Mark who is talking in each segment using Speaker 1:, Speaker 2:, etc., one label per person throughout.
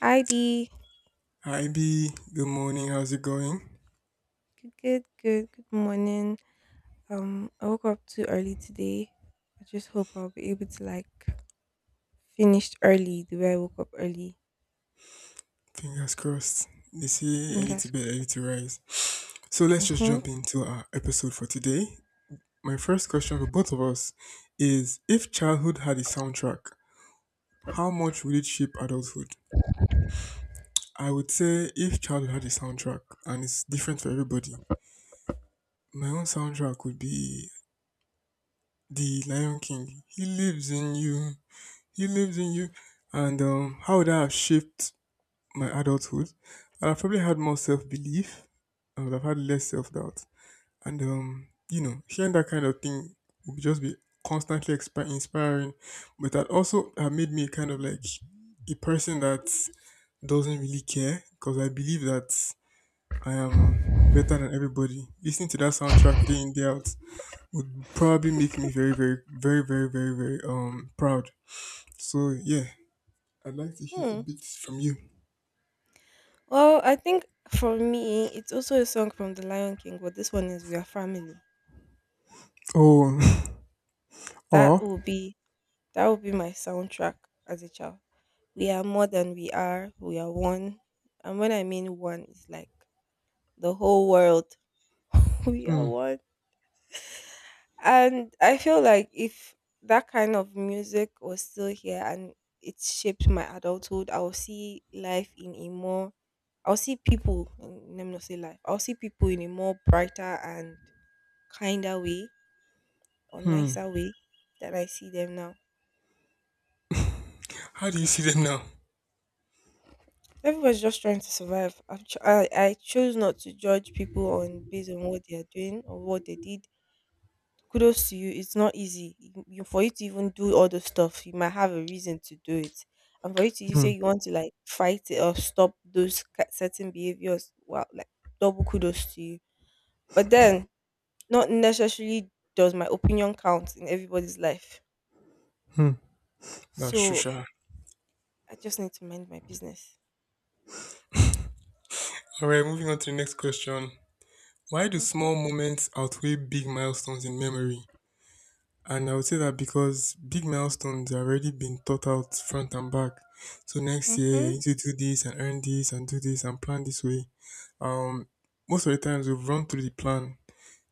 Speaker 1: Hi Dee.
Speaker 2: Hi B, good morning. How's it going?
Speaker 1: Good, good, good, good morning. I woke up too early today. I just hope I'll be able to like finish early the way I woke up early.
Speaker 2: Fingers crossed. They say early to
Speaker 1: Fingers
Speaker 2: bed, early to rise. So let's
Speaker 1: crossed.
Speaker 2: just
Speaker 1: Hmm.
Speaker 2: jump into our episode for today. My first question for both of us is if childhood had a soundtrack, how much would it shape adulthood? I would say if childhood had a soundtrack and it's different for everybody, my own soundtrack would be The Lion King. He lives in you. He lives in you. And how would that have shaped my adulthood, I'd have probably had more self belief. I would have had less self doubt, and hearing that kind of thing would just be constantly inspiring. But that also have made me kind of like a person that doesn't really care because I believe that I am better than everybody. Listening to that soundtrack day in day out would probably make me very, very, very, very, very, very proud. So yeah, I'd like to hear a
Speaker 1: Hmm.
Speaker 2: bit from you.
Speaker 1: Well, I think for me, it's also a song from The Lion King, but this one is "We Are Family."
Speaker 2: Oh,
Speaker 1: That
Speaker 2: or.
Speaker 1: will be that will be my soundtrack as a child. We are more than we are. We are one. And when I mean one, it's like the whole world. We are
Speaker 2: Hmm.
Speaker 1: one. And I feel like if that kind of music was still here and it shaped my adulthood, I will see life in a more, I'll see people, let me not say life, I'll see people in a more brighter and kinder way or
Speaker 2: Hmm.
Speaker 1: nicer way than I see them now.
Speaker 2: How do you see them now?
Speaker 1: Everybody's just trying to survive. I chose not to judge people on based on what they are doing or what they did. Kudos to you. It's not easy, for you to even do all the stuff. You might have a reason to do it, and for you to you say
Speaker 2: Hmm.
Speaker 1: you want to like fight it or stop those certain behaviors. Wow, like double kudos to you. But then, not necessarily does my opinion count in everybody's life.
Speaker 2: Hmm. That's
Speaker 1: So
Speaker 2: Shusha.
Speaker 1: I just need to mind my business.
Speaker 2: All right, moving on to the next question. Why do small
Speaker 1: Mhm.
Speaker 2: moments outweigh big milestones in memory? And I would say that because big milestones are already been thought out front and back. So next year, I
Speaker 1: Mhm.
Speaker 2: need to do this and earn this and do this and plan this way. Um, most of the times we've run through the plan,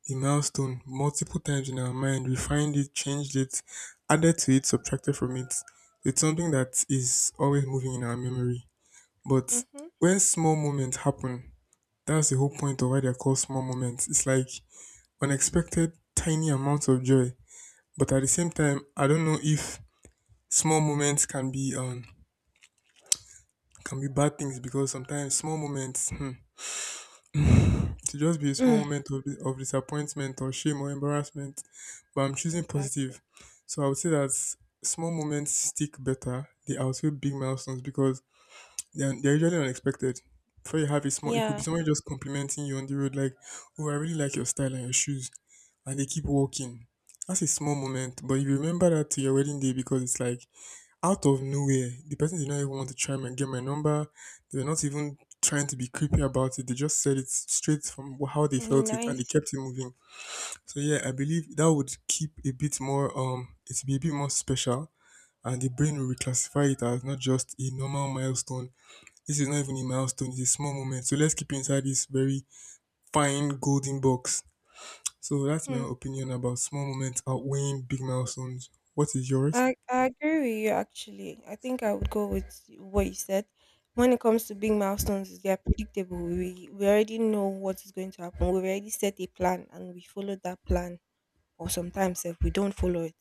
Speaker 2: the milestone, multiple times in our mind, refined it, changed it, added to it, subtracted from it. It's something that is always moving in our memory. But
Speaker 1: Mhm.
Speaker 2: where small moments happen, that's the whole point of why they're called small moments. It's like unexpected tiny amounts of joy. But at the same time, I don't know if small moments can be bad things because sometimes small moments hmm, to just be a small
Speaker 1: Mm.
Speaker 2: moment of, disappointment or shame or embarrassment. But I'm choosing
Speaker 1: Exactly.
Speaker 2: positive. So I would say that small moments stick better. They outweigh big milestones because they're usually unexpected. Before you have a small, it could be
Speaker 1: Yeah.
Speaker 2: someone just complimenting you on the road, like, "Oh, I really like your style and your shoes," and they keep walking. That's a small moment, but you remember that to your wedding day because it's like out of nowhere. The person did not even want to try and get my number. They were not even trying to be creepy about it. They just said it straight from how they
Speaker 1: Really
Speaker 2: felt it, and they
Speaker 1: nice.
Speaker 2: kept it moving. So yeah, I believe that would keep a bit more. It'd be a bit more special, and the brain will reclassify it as not just a normal milestone this is not even a milestone, it's a small moment. So let's keep it inside this very fine golden box. So that's my
Speaker 1: Hmm.
Speaker 2: opinion about small moments outweighing big milestones. What is yours?
Speaker 1: I agree with you actually. I think I would go with what you said. When it comes to big milestones, they are predictable. We already know what is going to happen. We already set a plan and we follow that plan. Or sometimes if we don't follow it.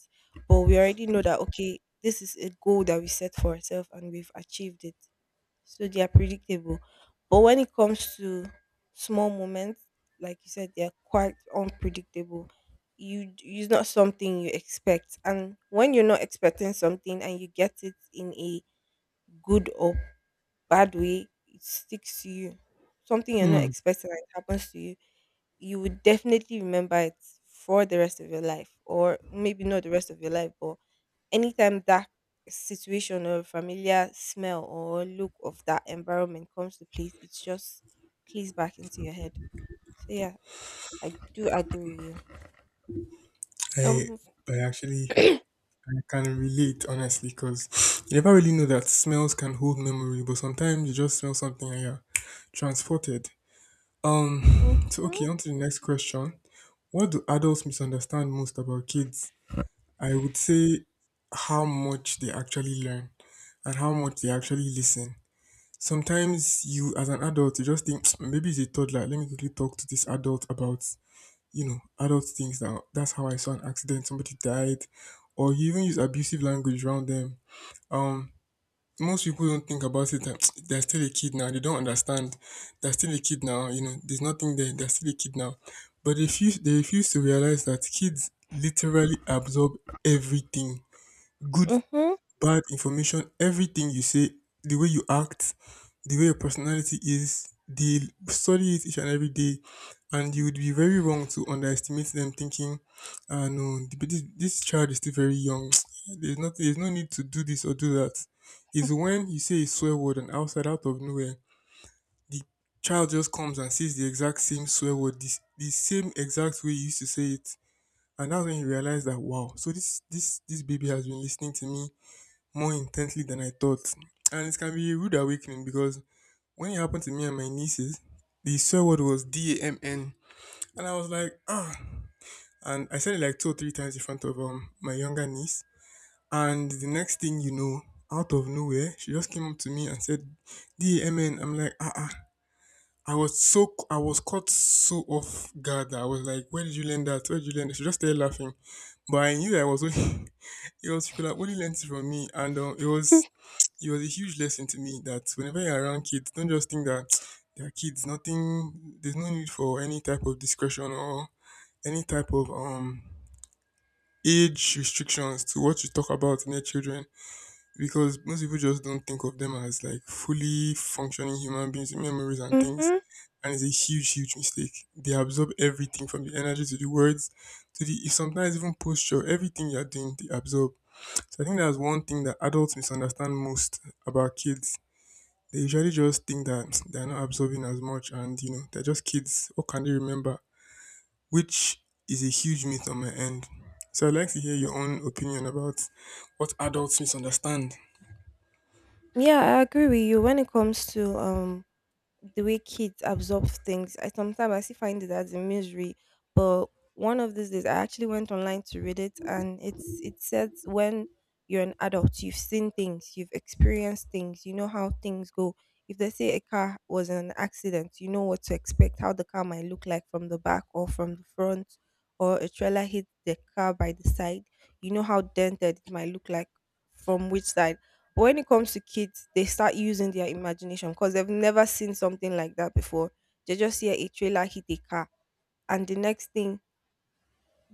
Speaker 1: But we already know that, okay, this is a goal that we set for ourselves and we've achieved it, so they are predictable. But when it comes to small moments, like you said, they are quite unpredictable. You. It's not something you expect, and when you're not expecting something and you get it in a good or bad way, it sticks to you. Something you're not
Speaker 2: Hmm.
Speaker 1: expecting and it happens to you, you would definitely remember it for the rest of your life, or maybe not the rest of your life, but anytime that situation or familiar smell or look of that environment comes to place, it just clicks back into your head. So yeah, I do agree with you.
Speaker 2: I
Speaker 1: Um,
Speaker 2: I actually I can relate honestly because you never really know that smells can hold memory, but sometimes you just smell something and you're transported.
Speaker 1: mhm.
Speaker 2: So okay, on to the next question. What do adults misunderstand most about kids? I would say how much they actually learn and how much they actually listen. Sometimes you as an adult you just think, "Psst, maybe it's a toddler, let me quickly talk to this adult about adult things now. That's how I saw an accident, somebody died, or you even use abusive language around them. um most people don't think about it that, "Psst, they're still a kid now, they don't understand, they're still a kid now, there's nothing there, they're still a kid now." But they refuse to realize that kids literally absorb everything, good,
Speaker 1: Mhm.
Speaker 2: bad information, everything you say, the way you act, the way your personality is, they study it each and every day, and you would be very wrong to underestimate them, thinking, "Ah, no, but this child is still very young. There's no need to do this or do that." Is when you say a swear word and outside out of nowhere, the child just comes and says the exact same swear word, this the same exact way you used to say it, and that's when you realize that wow, so this baby has been listening to me more intensely than I thought. And it can be a rude awakening because when it happened to me and my nieces, the swear word was damn. And I was like, ah. And I said it like 2 or 3 times in front of my younger niece. And the next thing you know, out of nowhere, she just came up to me and said, damn. I'm like, ah, ah. I was caught so off guard that I was like, "Where did you learn that? Where did you learn?" That? She just started laughing, but I knew that I was only it was she could have only learned it from me, and it was a huge lesson to me that whenever you're around kids, don't just think that they're kids. Nothing. There's no need for any type of discretion or any type of age restrictions to what you talk about in your children because most people just don't think of them as like fully functioning human beings with memories and things.
Speaker 1: Mhm.
Speaker 2: And it's a huge, huge mistake. They absorb everything from the energy to the words to the sometimes even posture, everything you're doing, they absorb. So I think that's one thing that adults misunderstand most about kids. They usually just think that they're not absorbing as much and you know, they're just kids. What can they remember? Which is a huge myth on my end. So I'd like to hear your own opinion about what adults misunderstand.
Speaker 1: Yeah, I agree with you when it comes to the way kids absorb things. I sometimes I see find it as a misery, but one of these days I actually went online to read it, and it says when you're an adult, you've seen things, you've experienced things, you know how things go. If they say a car was in an accident, you know what to expect, how the car might look like from the back or from the front, or a trailer hit the car by the side, you know how dented it might look like from which side. But when it comes to kids, they start using their imagination because they've never seen something like that before. They just hear a trailer hit a car, and the next thing,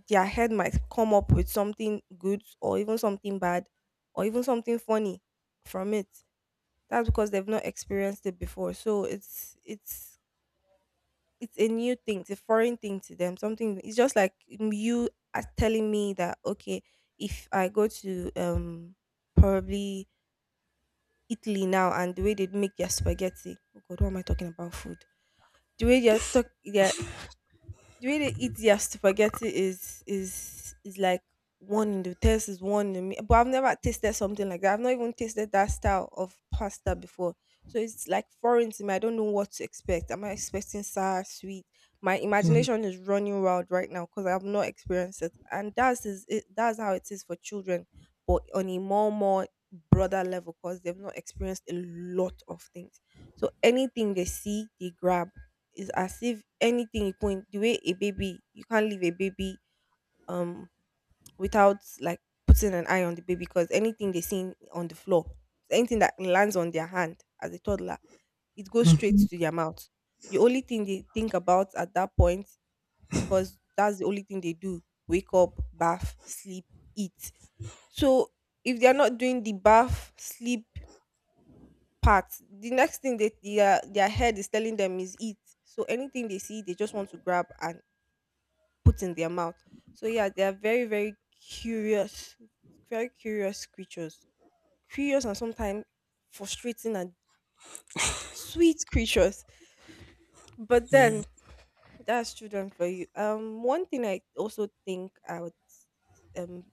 Speaker 1: their head might come up with something good or even something bad or even something funny from it. That's because they've not experienced it before. So it's a new thing. It's a foreign thing to them. Something. It's just like you are telling me that, okay, if I go to probably Italy now and the way they make their spaghetti. Oh God, what am I talking about? Food. The way they are talk, they are the way they eat their spaghetti is like one in the taste is one in me. But I've never tasted something like that. I've not even tasted that style of pasta before. So it's like foreign to me. I don't know what to expect. Am I expecting sour, sweet? My imagination is running wild right now because I have not experienced it. And that's how it is for children, but on a more broader level because they've not experienced a lot of things. So anything they see, they grab. It's as if anything you point, the way a baby, you can't leave a baby um without like putting an eye on the baby because anything they see on the floor, anything that lands on their hand as a toddler, it goes straight to their mouth. The only thing they think about at that point, because that's the only thing they do: wake up, bath, sleep, eat. So if they are not doing the bath, sleep part, the next thing that their head is telling them is eat. So anything they see, they just want to grab and put in their mouth. So yeah, they are very, curious, very curious creatures. Curious, and sometimes frustrating and sweet creatures. But
Speaker 2: Yeah.
Speaker 1: then that's children for you. One thing I also think I would, um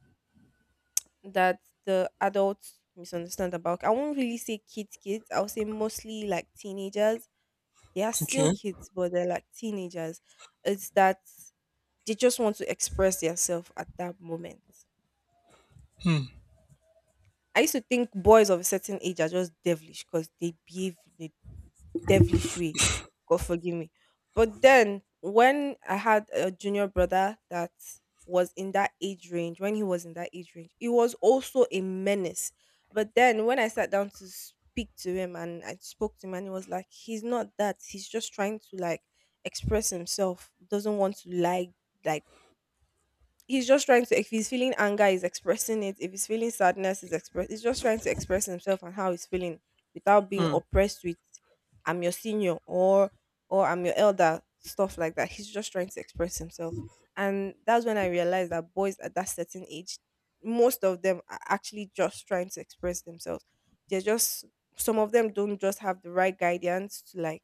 Speaker 1: that the adults misunderstand about, I won't really say kids kids, I'll say mostly like teenagers. They are still
Speaker 2: Okay.
Speaker 1: kids, but they're like teenagers. It's that they just want to express themselves at that moment. I used to think boys of a certain age are just devilish because they behave in a devilish way. God forgive me. But then when I had a junior brother that was in that age range, when he was in that age range, he was also a menace. But then when I sat down to speak to him and I spoke to him and he was like, he's not that. He's just trying to like express himself, doesn't want to lie, like, he's just trying to, if he's feeling anger he's expressing it, if he's feeling sadness he's express he's just trying to express himself and how he's feeling without being
Speaker 2: Mm,
Speaker 1: oppressed with I'm your senior or I'm your elder, stuff like that. He's just trying to express himself. And that's when I realized that boys at that certain age, most of them are actually just trying to express themselves. They're just, some of them don't just have the right guidance to like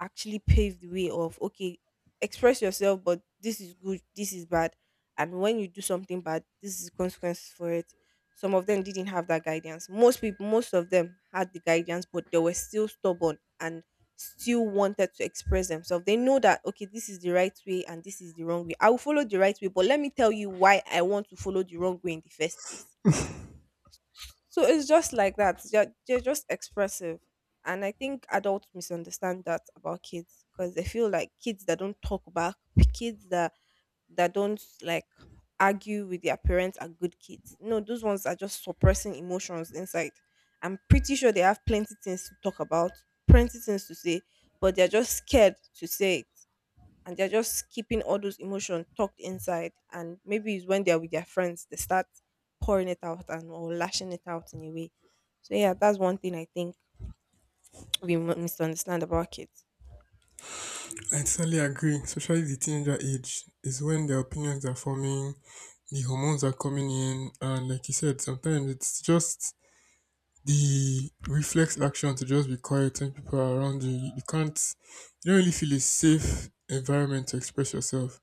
Speaker 1: actually paved the way of, okay, express yourself, but this is good, this is bad, and when you do something bad this is consequences for it. Some of them didn't have that guidance. Most of them had the guidance, but they were still stubborn and still wanted to express themselves. They know that, okay, this is the right way and this is the wrong way, I will follow the right way, but let me tell you why I want to follow the wrong way in the first place. So it's just like that. They're just expressive. And I think adults misunderstand that about kids because they feel like kids that don't talk back, kids that don't like argue with their parents are good kids. No, those ones are just suppressing emotions inside. I'm pretty sure they have plenty things to talk about, plenty things to say, but they're just scared to say it, and they're just keeping all those emotions tucked inside. And maybe it's when they're with their friends, they start pouring it out and or lashing it out in a way. So yeah, that's one thing I think we misunderstand about kids.
Speaker 2: I totally agree. Especially the teenager age is when their opinions are forming, the hormones are coming in, and like you said, sometimes it's just the reflex action to just be quiet when people are around you. You can't, you don't really feel a safe environment to express yourself.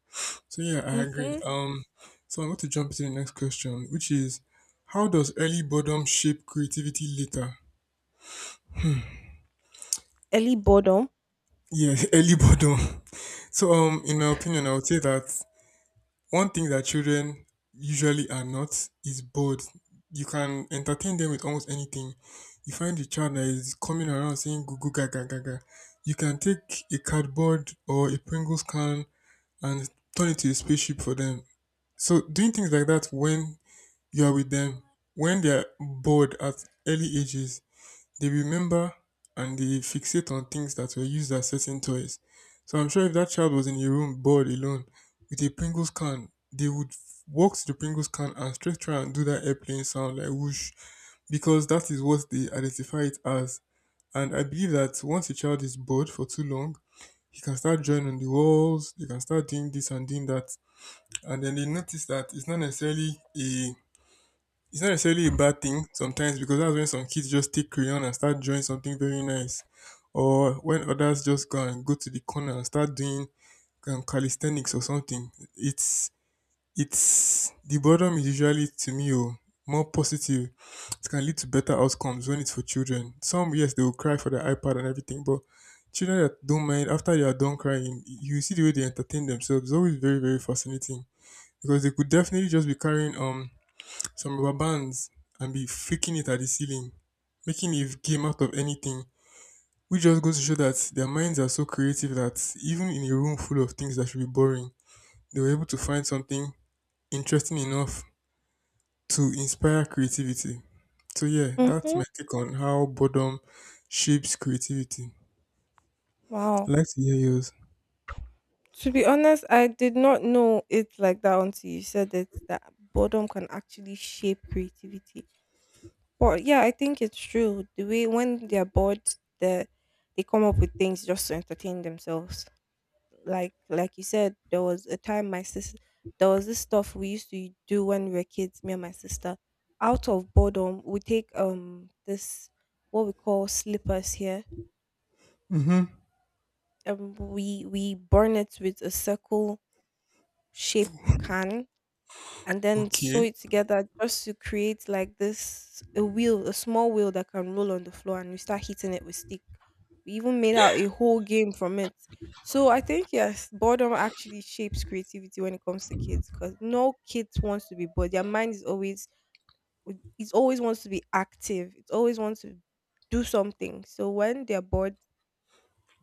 Speaker 2: So yeah, I agree.
Speaker 1: Mm-hmm.
Speaker 2: So I'm going to jump into the next question, which is, how does early boredom shape creativity later?
Speaker 1: Early boredom.
Speaker 2: Yeah, early boredom. So in my opinion, I would say that one thing that children usually are not is bored. You can entertain them with almost anything. You find a child that is coming around saying goo goo gaga gaga. You can take a cardboard or a Pringles can and turn it to a spaceship for them. So doing things like that when you are with them, when they are bored at early ages, they remember and they fixate on things that were used as certain toys. So I'm sure if that child was in a room bored alone with a Pringles can, they would walk to the Pringles can and straight try and do that airplane sound like whoosh because that is what they identify it as. And I believe that once a child is bored for too long, he can start drawing on the walls, they can start doing this and doing that. And then they notice that it's not necessarily a bad thing sometimes because that's when some kids just take crayon and start drawing something very nice, or when others just go to the corner and start doing calisthenics or something. It's it's the boredom is usually to me oh, more positive. It can lead to better outcomes when it's for children. Some yes they will cry for their iPad and everything, but children that don't mind after they are done crying, you see the way they entertain themselves. It's always very very fascinating because they could definitely just be carrying some rubber bands and be freaking it at the ceiling, making a game out of anything, which just goes to show that their minds are so creative that even in a room full of things that should be boring, they were able to find something interesting enough to inspire creativity. So yeah, that's my
Speaker 1: Mm-hmm.
Speaker 2: take on how boredom shapes creativity. I
Speaker 1: Wow.
Speaker 2: like to hear yours.
Speaker 1: To be honest, I did not know it like that until you said it, that boredom can actually shape creativity. But yeah, I think it's true. The way when they're bored, they they come up with things just to entertain themselves. Like you said, there was a time my sis there was this stuff we used to do when we were kids, me and my sister. Out of boredom, we take this, what we call slippers here,
Speaker 2: Mm-hmm.
Speaker 1: we burn it with a circle shape can and then sew
Speaker 2: Okay.
Speaker 1: it together just to create like this, a wheel, a small wheel that can roll on the floor, and we start hitting it with stick. We even made out a whole game from it. So I think yes, boredom actually shapes creativity when it comes to kids because no kid wants to be bored. Their mind is always, it always wants to be active. It always wants to do something. So when they're bored,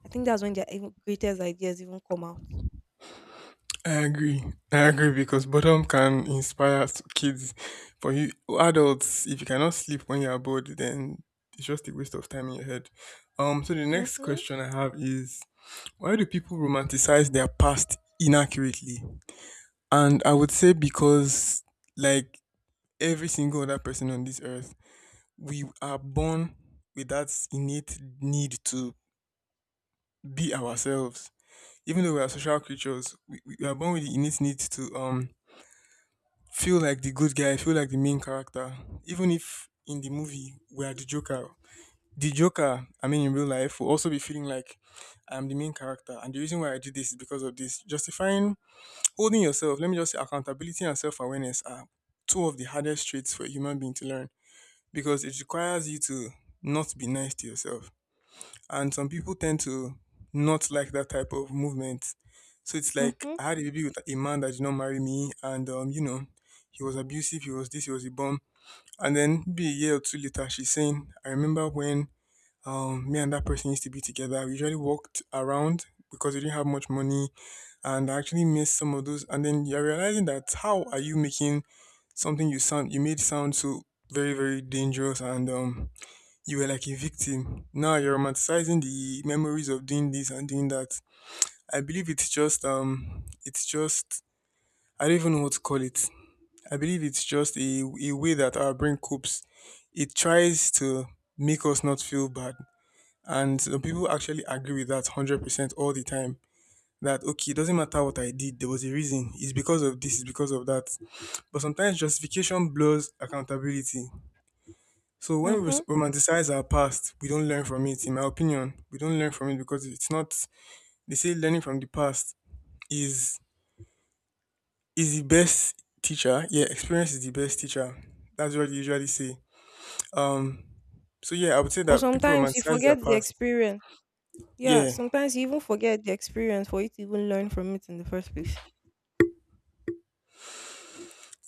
Speaker 1: I think that's when their even greatest ideas even come out.
Speaker 2: I agree. I agree because boredom can inspire kids. For you adults, if you cannot sleep when you're bored, then it's just a waste of time in your head. So the next
Speaker 1: Mhm.
Speaker 2: question I have is why do people romanticize their past inaccurately? And I would say because like every single other person on this earth, we are born with that innate need to be ourselves. Even though we are social creatures, we are born with the innate need to feel like the good guy, feel like the main character. Even if in the movie we are the Joker, I mean, in real life, will also be feeling like, I am the main character. And the reason why I do this is because of this. Justifying, holding yourself, let me just say accountability and self awareness are two of the hardest traits for a human being to learn, because it requires you to not be nice to yourself, and some people tend to not like that type of movement. So it's like
Speaker 1: Mhm.
Speaker 2: I had a baby with a man that did not marry me, and he was abusive, he was this, he was a bum. And then be a year or two later, she's saying, I remember when me and that person used to be together. We usually walked around because we didn't have much money, and I actually missed some of those. And then you're realizing that how are you making something you made sound so very very dangerous, and you were like a victim. Now you're romanticizing the memories of doing this and doing that. I believe it's just I don't even know what to call it. I believe it's just a way that our brain copes. It tries to make us not feel bad. And some people actually agree with that 100% all the time. That, okay, it doesn't matter what I did, there was a reason. It's because of this, it's because of that. But sometimes justification blurs accountability. So when we
Speaker 1: Mhm.
Speaker 2: romanticize our past, we don't learn from it. In my opinion, we don't learn from it because it's not. They say learning from the past is is the best teacher. Yeah, experience is the best teacher. That's what they usually say. Um. So yeah, I would say
Speaker 1: But
Speaker 2: that people
Speaker 1: sometimes you
Speaker 2: romanticize their
Speaker 1: forget the
Speaker 2: past.
Speaker 1: experience. Yeah,
Speaker 2: Yeah,
Speaker 1: sometimes you even forget the experience for you to even learn from it in the first place.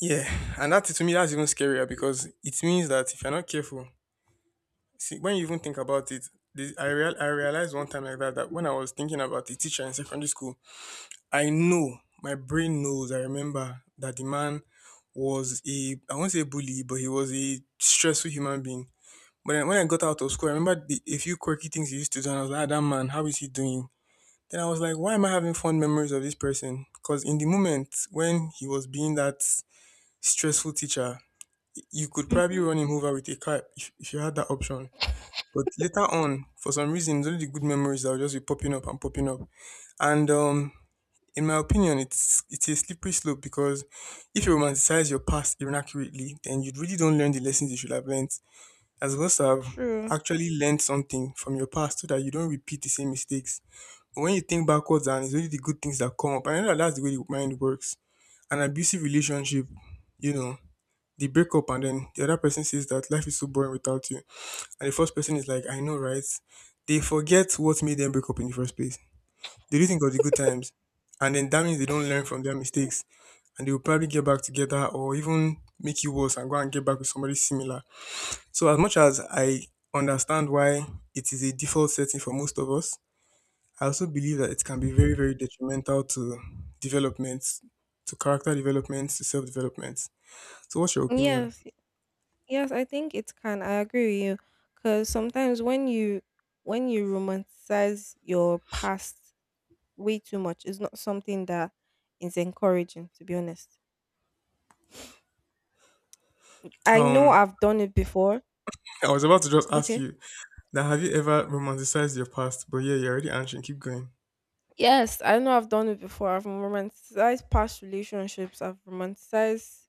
Speaker 2: yeah, and that to me, that's even scarier, because it means that if you're not careful, see when you even think about it, the, I real I realized one time, like that when I was thinking about the teacher in secondary school, I know, my brain knows, I remember that the man was, I won't say bully, but he was a stressful human being. But then when I got out of school, I remember a few quirky things he used to do, and I was like, ah, that man, how is he doing? Then I was like, why am I having fond memories of this person? Because in the moment when he was being that stressful teacher, you could probably
Speaker 1: Mm-hmm.
Speaker 2: run him over with a car, if you had that option. But later on, for some reason, it's only the good memories that will just be popping up and popping up. And in my opinion, it's a slippery slope, because if you romanticize your past inaccurately, then you really don't learn the lessons you should have learned, as well as have
Speaker 1: True.
Speaker 2: actually learned something from your past so that you don't repeat the same mistakes. But when you think backwards and it's only the good things that come up, I know that that's the way the mind works. An abusive relationship, you know, they break up, and then the other person says that life is so boring without you. And the first person is like, I know, right? They forget what made them break up in the first place. They do think of the good times, and then that means they don't learn from their mistakes, and they'll probably get back together, or even make you worse, and go and get back with somebody similar. So as much as I understand why it is a default setting for most of us, I also believe that it can be very, very detrimental to development, to character development, to self development. So what's your opinion?
Speaker 1: Yes, yes, I think it can. I agree with you because sometimes when you, when you romanticize your past way too much, it's not something that is encouraging. To be honest, I know
Speaker 2: Um
Speaker 1: I've done it before.
Speaker 2: I was about to just ask
Speaker 1: Okay,
Speaker 2: you that, have you ever romanticized your past? But yeah, you're already answering. Keep going.
Speaker 1: yes, I know I've done it before. I've romanticized past relationships. I've romanticized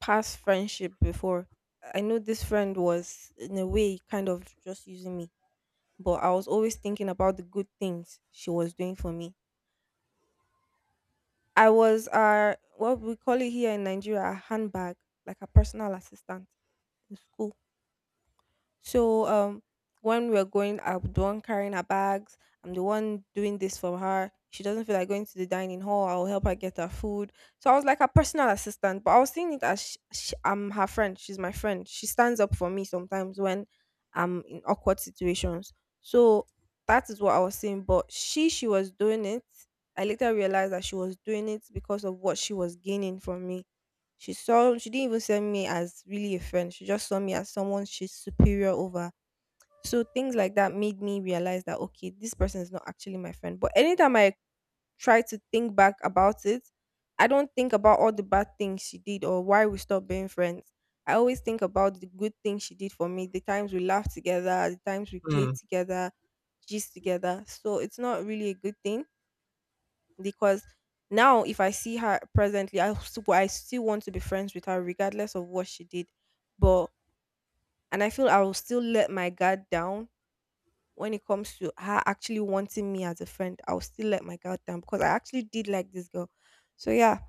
Speaker 1: past friendship before. I know this friend was in a way kind of just using me, but I was always thinking about the good things she was doing for me. I was what we call it here in Nigeria a handbag, like a personal assistant in school. So when we're going, I'm the one carrying her bags. I'm the one doing this for her. She doesn't feel like going to the dining hall. I'll help her get her food. So I was like her personal assistant, but I was seeing it as sh sh I'm her friend. She's my friend. She stands up for me sometimes when I'm in awkward situations. So that is what I was seeing. But she was doing it. I later realized that she was doing it because of what she was gaining from me. She saw, she didn't even see me as really a friend. She just saw me as someone she's superior over. So things like that made me realize that okay, this person is not actually my friend. But anytime I try to think back about it, I don't think about all the bad things she did or why we stopped being friends. I always think about the good things she did for me, the times we laughed together, the times we played
Speaker 2: Mm.
Speaker 1: together, gist together. So it's not really a good thing because now if I see her presently, I still want to be friends with her regardless of what she did. But and I feel I will still let my guard down when it comes to her actually wanting me as a friend. I will still let my guard down because I actually did like this girl. So yeah,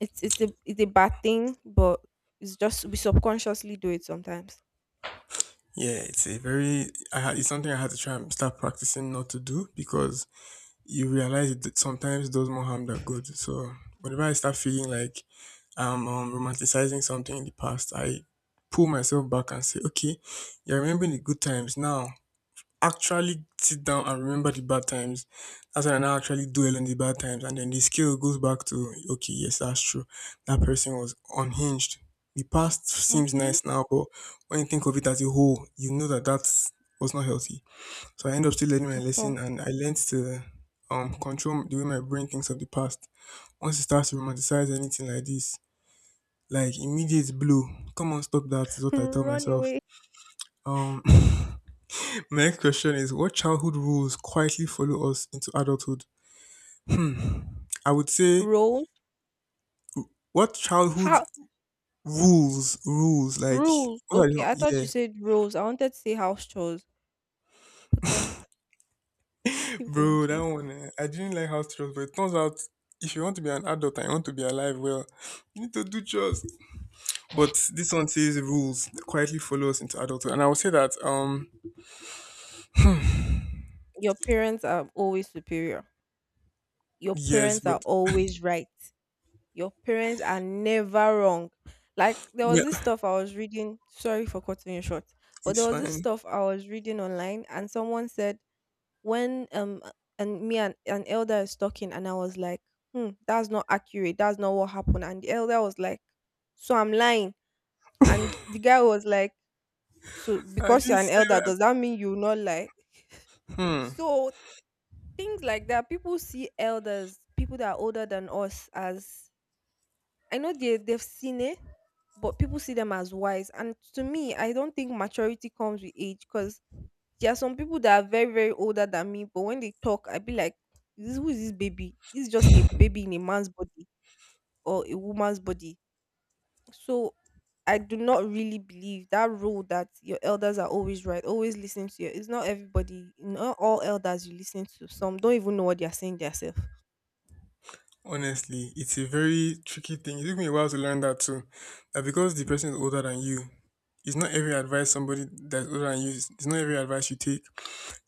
Speaker 1: it's a bad thing, but it's just we subconsciously do it sometimes.
Speaker 2: Yeah, it's a very. I had, it's something I had to try and start practicing not to do, because you realize that sometimes does more harm than good. So whenever I start feeling like I'm romanticizing something in the past, I pull myself back and say, okay, you're remembering the good times now. Actually sit down and remember the bad times. That's when I now actually dwell on the bad times, and then the scale goes back to, okay, yes, that's true. That person was unhinged. The past seems
Speaker 1: Mm-hmm.
Speaker 2: nice now, but when you think of it as a whole, you know that that was not healthy. So I end up still learning my
Speaker 1: At
Speaker 2: lesson,
Speaker 1: all.
Speaker 2: and I learned to control the way my brain thinks of the past. Once it starts to romanticize anything like this, like, immediate blow. Come on, stop, that is what I tell
Speaker 1: Run
Speaker 2: myself.
Speaker 1: away.
Speaker 2: Um my next question is, what childhood rules quietly follow us into adulthood? Hmm. I would say,
Speaker 1: Roll.
Speaker 2: what childhood
Speaker 1: How
Speaker 2: rules rules like,
Speaker 1: rules?
Speaker 2: what are
Speaker 1: Okay,
Speaker 2: you,
Speaker 1: I thought
Speaker 2: yeah.
Speaker 1: you said rules. I wanted to say house chores. But then keep going,
Speaker 2: Bro, that
Speaker 1: please.
Speaker 2: one eh, I didn't like house chores, but it turns out, if you want to be an adult and you want to be alive, well, you need to do chores. But this one says rules quietly follow us into adulthood, and I would say that
Speaker 1: Your parents are always superior. Your
Speaker 2: yes,
Speaker 1: parents are
Speaker 2: but
Speaker 1: always right. Your parents are never wrong. Like there was
Speaker 2: yeah,
Speaker 1: this stuff I was reading. Sorry for cutting you short, but there
Speaker 2: it's
Speaker 1: was this
Speaker 2: fine.
Speaker 1: stuff I was reading online, and someone said when and me and an elder is talking, and I was like, hmm, that's not accurate. That's not what happened. And the elder was like, so I'm lying. And the guy was like, so
Speaker 2: I
Speaker 1: because
Speaker 2: didn't
Speaker 1: you're an
Speaker 2: say
Speaker 1: elder,
Speaker 2: that.
Speaker 1: does that mean you will not lie?
Speaker 2: Hmm.
Speaker 1: So things like that. People see elders, people that are older than us, as I know they've seen it, but people see them as wise. And to me, I don't think maturity comes with age because there are some people that are very very older than me, but when they talk, I be like, "This who is this baby? It's just a baby in a man's body or a woman's body." So, I do not really believe that rule that your elders are always right, always listen to you. It's not everybody, not all elders you listen to. Some don't even know what they are saying themselves.
Speaker 2: Honestly, it's a very tricky thing. It took me a while to learn that too. That because the person is older than you, it's not every advice somebody that's older than you. It's not every advice you take.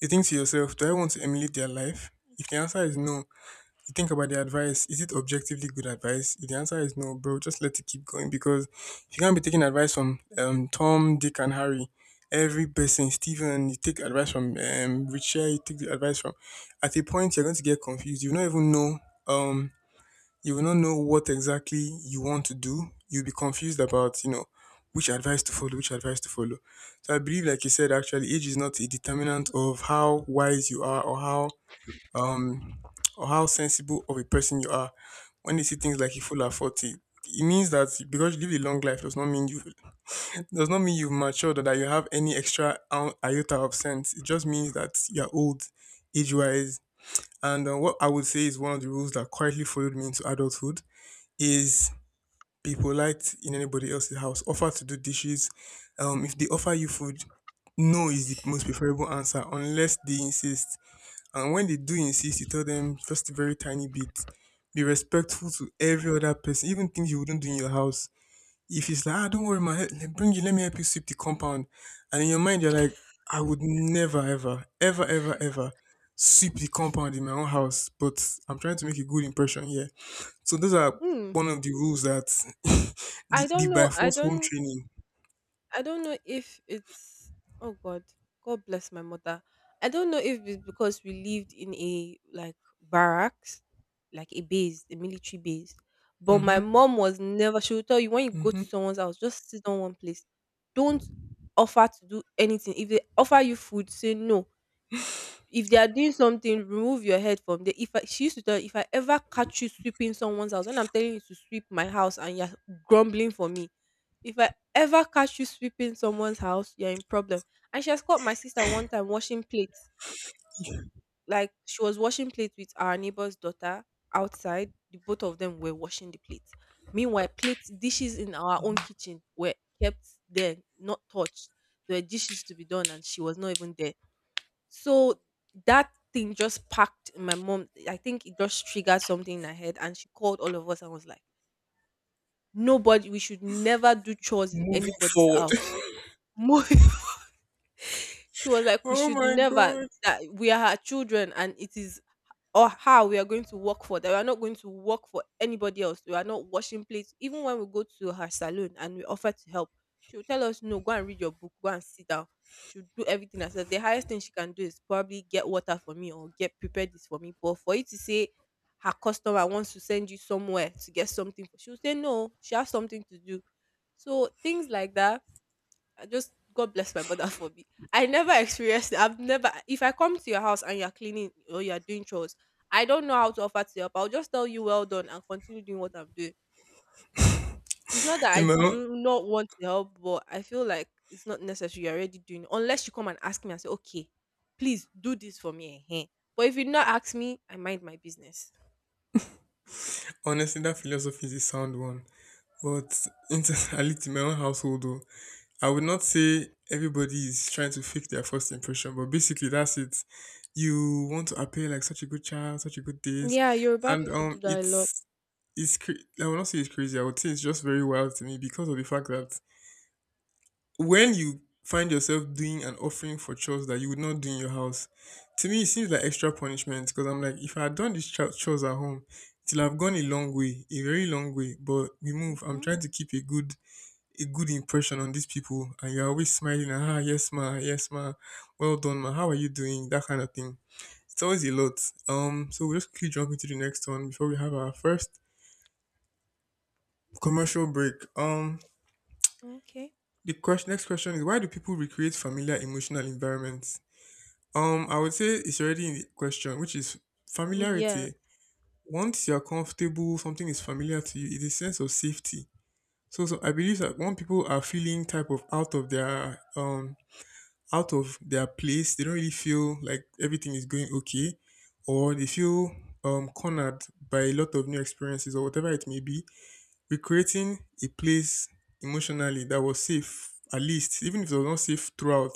Speaker 2: You think to yourself, do I want to emulate their life? If the answer is no, you think about the advice. Is it objectively good advice? If the answer is no, bro, just let it keep going, because if you can't be taking advice from Tom, Dick, and Harry, every person, Stephen, you take advice from Richard, you take the advice from. At a point, you're going to get confused. You will not even know. Um, you will not know what exactly you want to do. You'll be confused about which advice to follow, which advice to follow. So I believe, like you said, actually, age is not a determinant of how wise you are, um, or how sensible of a person you are. When they see things like you full at 40, it means that because you live a long life, does not mean you've matured, or that you have any extra iota of sense. It just means that you're old, age wise. And what I would say is, one of the rules that quietly followed me into adulthood is, be polite in anybody else's house. Offer to do dishes. If they offer you food, no is the most preferable answer unless they insist. And when they do insist, you tell them just a very tiny bit. Be respectful to every other person, even things you wouldn't do in your house. If it's like, ah, don't worry, man, bring you, let me help you sweep the compound. And in your mind, you're like, I would never, ever, ever, ever, ever sweep the compound in my own house. But I'm trying to make a good impression here. So those are one of the rules that the,
Speaker 1: I
Speaker 2: the
Speaker 1: don't
Speaker 2: by
Speaker 1: know. I
Speaker 2: force home
Speaker 1: don't.
Speaker 2: training.
Speaker 1: I don't know if it's. Oh God. God bless my mother. I don't know if it's because we lived in a like barracks, like a base, a military base. But
Speaker 2: Mm-hmm.
Speaker 1: my mom was never. She would tell you when you go to
Speaker 2: Mm-hmm.
Speaker 1: someone's house, just sit on one place. Don't offer to do anything. If they offer you food, say no. If they are doing something, remove your head from there. If I, she used to tell, if I ever catch you sweeping someone's house, when I'm telling you to sweep my house and you're grumbling for me, if I ever catch you sweeping someone's house, you're in problem. And she has caught my sister one time washing plates. Like she was washing plates with our neighbor's daughter outside. The both of them were washing the plates. Meanwhile, plates, dishes in our own kitchen were kept there, not touched. There were dishes to be done, and she was not even there. So that thing just packed in my mom. I think it just triggered something in her head, and she called all of us and was like, "Nobody, we should never do chores in
Speaker 2: Moving
Speaker 1: anybody's
Speaker 2: forward.
Speaker 1: house." Mo- she was like, we
Speaker 2: Oh
Speaker 1: should
Speaker 2: my
Speaker 1: never
Speaker 2: God.
Speaker 1: that we are her children and it is or how we are going to work for that. We are not going to work for anybody else. We are not washing plates. Even when we go to her salon and we offer to help, she will tell us, no, go and read your book, go and sit down. She'll do everything herself. The highest thing she can do is probably get water for me or get prepared this for me. But for you to say her customer wants to send you somewhere to get something, she'll say no, she has something to do. So things like that I just God bless my mother for me. I never experienced it. I've never if I come to your house and you're cleaning or you're doing chores, I don't know how to offer to help. I'll just tell you well done and continue doing what I'm doing. It's not that
Speaker 2: You
Speaker 1: I
Speaker 2: know,
Speaker 1: do not want to help, but I feel like it's not necessary. You're already doing it. Unless you come and ask me and say, okay, please do this for me. Eh, eh." But if you not ask me, I mind my business.
Speaker 2: honestly, that philosophy is a sound one. But internally in my own household, though, I would not say everybody is trying to fake their first impression, but basically that's it. You want to appear like such a good child, such a good this,
Speaker 1: Yeah, Yoruba
Speaker 2: and
Speaker 1: people do that a lot.
Speaker 2: it's cra- I would not say it's crazy. I would say it's just very wild to me, because of the fact that when you find yourself doing an offering for chores that you would not do in your house, to me it seems like extra punishment. Because I'm like, if I had done these chores at home, till I've gone a long way, a very long way. But we move. I'm
Speaker 1: Hmm.
Speaker 2: trying to keep a good impression on these people, and you're always smiling and, yes ma, yes ma, well done ma, how are you doing, that kind of thing. It's always a lot. So we'll just quickly jump into the next one before we have our first commercial break. um
Speaker 1: Okay.
Speaker 2: the question next question is, why do people recreate familiar emotional environments? I would say it's already in the question, which is
Speaker 1: Yeah.
Speaker 2: familiarity. Once you're comfortable, something is familiar to you, it's a sense of safety. So I believe that when people are feeling type of out of their place. They don't really feel like everything is going okay, or they feel cornered by a lot of new experiences or whatever it may be. Recreating a place emotionally that was safe, at least, even if it was not safe throughout,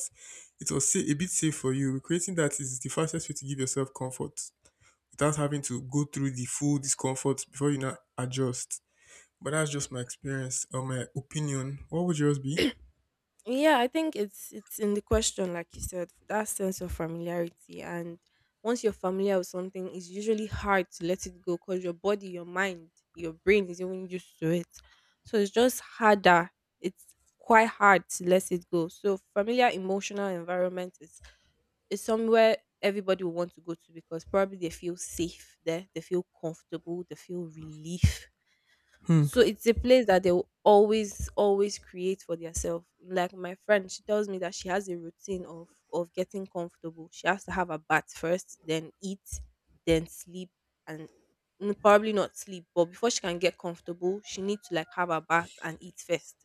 Speaker 2: it was a bit safe for you. Recreating that is the fastest way to give yourself comfort without having to go through the full discomfort before you now adjust. But that's just my experience or my opinion. What would yours be?
Speaker 1: Yeah, I think it's in the question, like you said, that sense of familiarity. And once you're familiar with something, it's usually hard to let it go because your body, your mind, your brain is even used to it. So it's just harder. It's quite hard to let it go. So familiar emotional environment is somewhere everybody will want to go to because probably they feel safe there, they feel comfortable, they feel relief,
Speaker 2: Hmm.
Speaker 1: so it's a place that they will always, always create for themselves. Like my friend, she tells me that she has a routine of getting comfortable. She has to have a bath first, then eat, then sleep, and probably not sleep. But before she can get comfortable, she needs to like have a bath and eat first.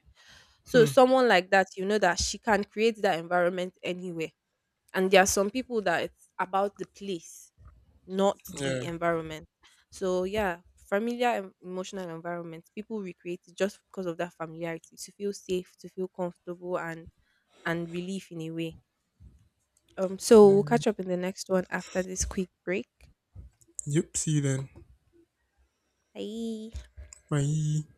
Speaker 1: So
Speaker 2: Hmm.
Speaker 1: someone like that, you know that she can create that environment anywhere. And there are some people that it's about the place not the
Speaker 2: Yeah.
Speaker 1: environment. So yeah, familiar emotional environment. People recreate it just because of that familiarity to feel safe, to feel comfortable, and relief in a way. So we'll catch up in the next one after this quick break.
Speaker 2: Yep. See you then.
Speaker 1: Bye.
Speaker 2: Bye.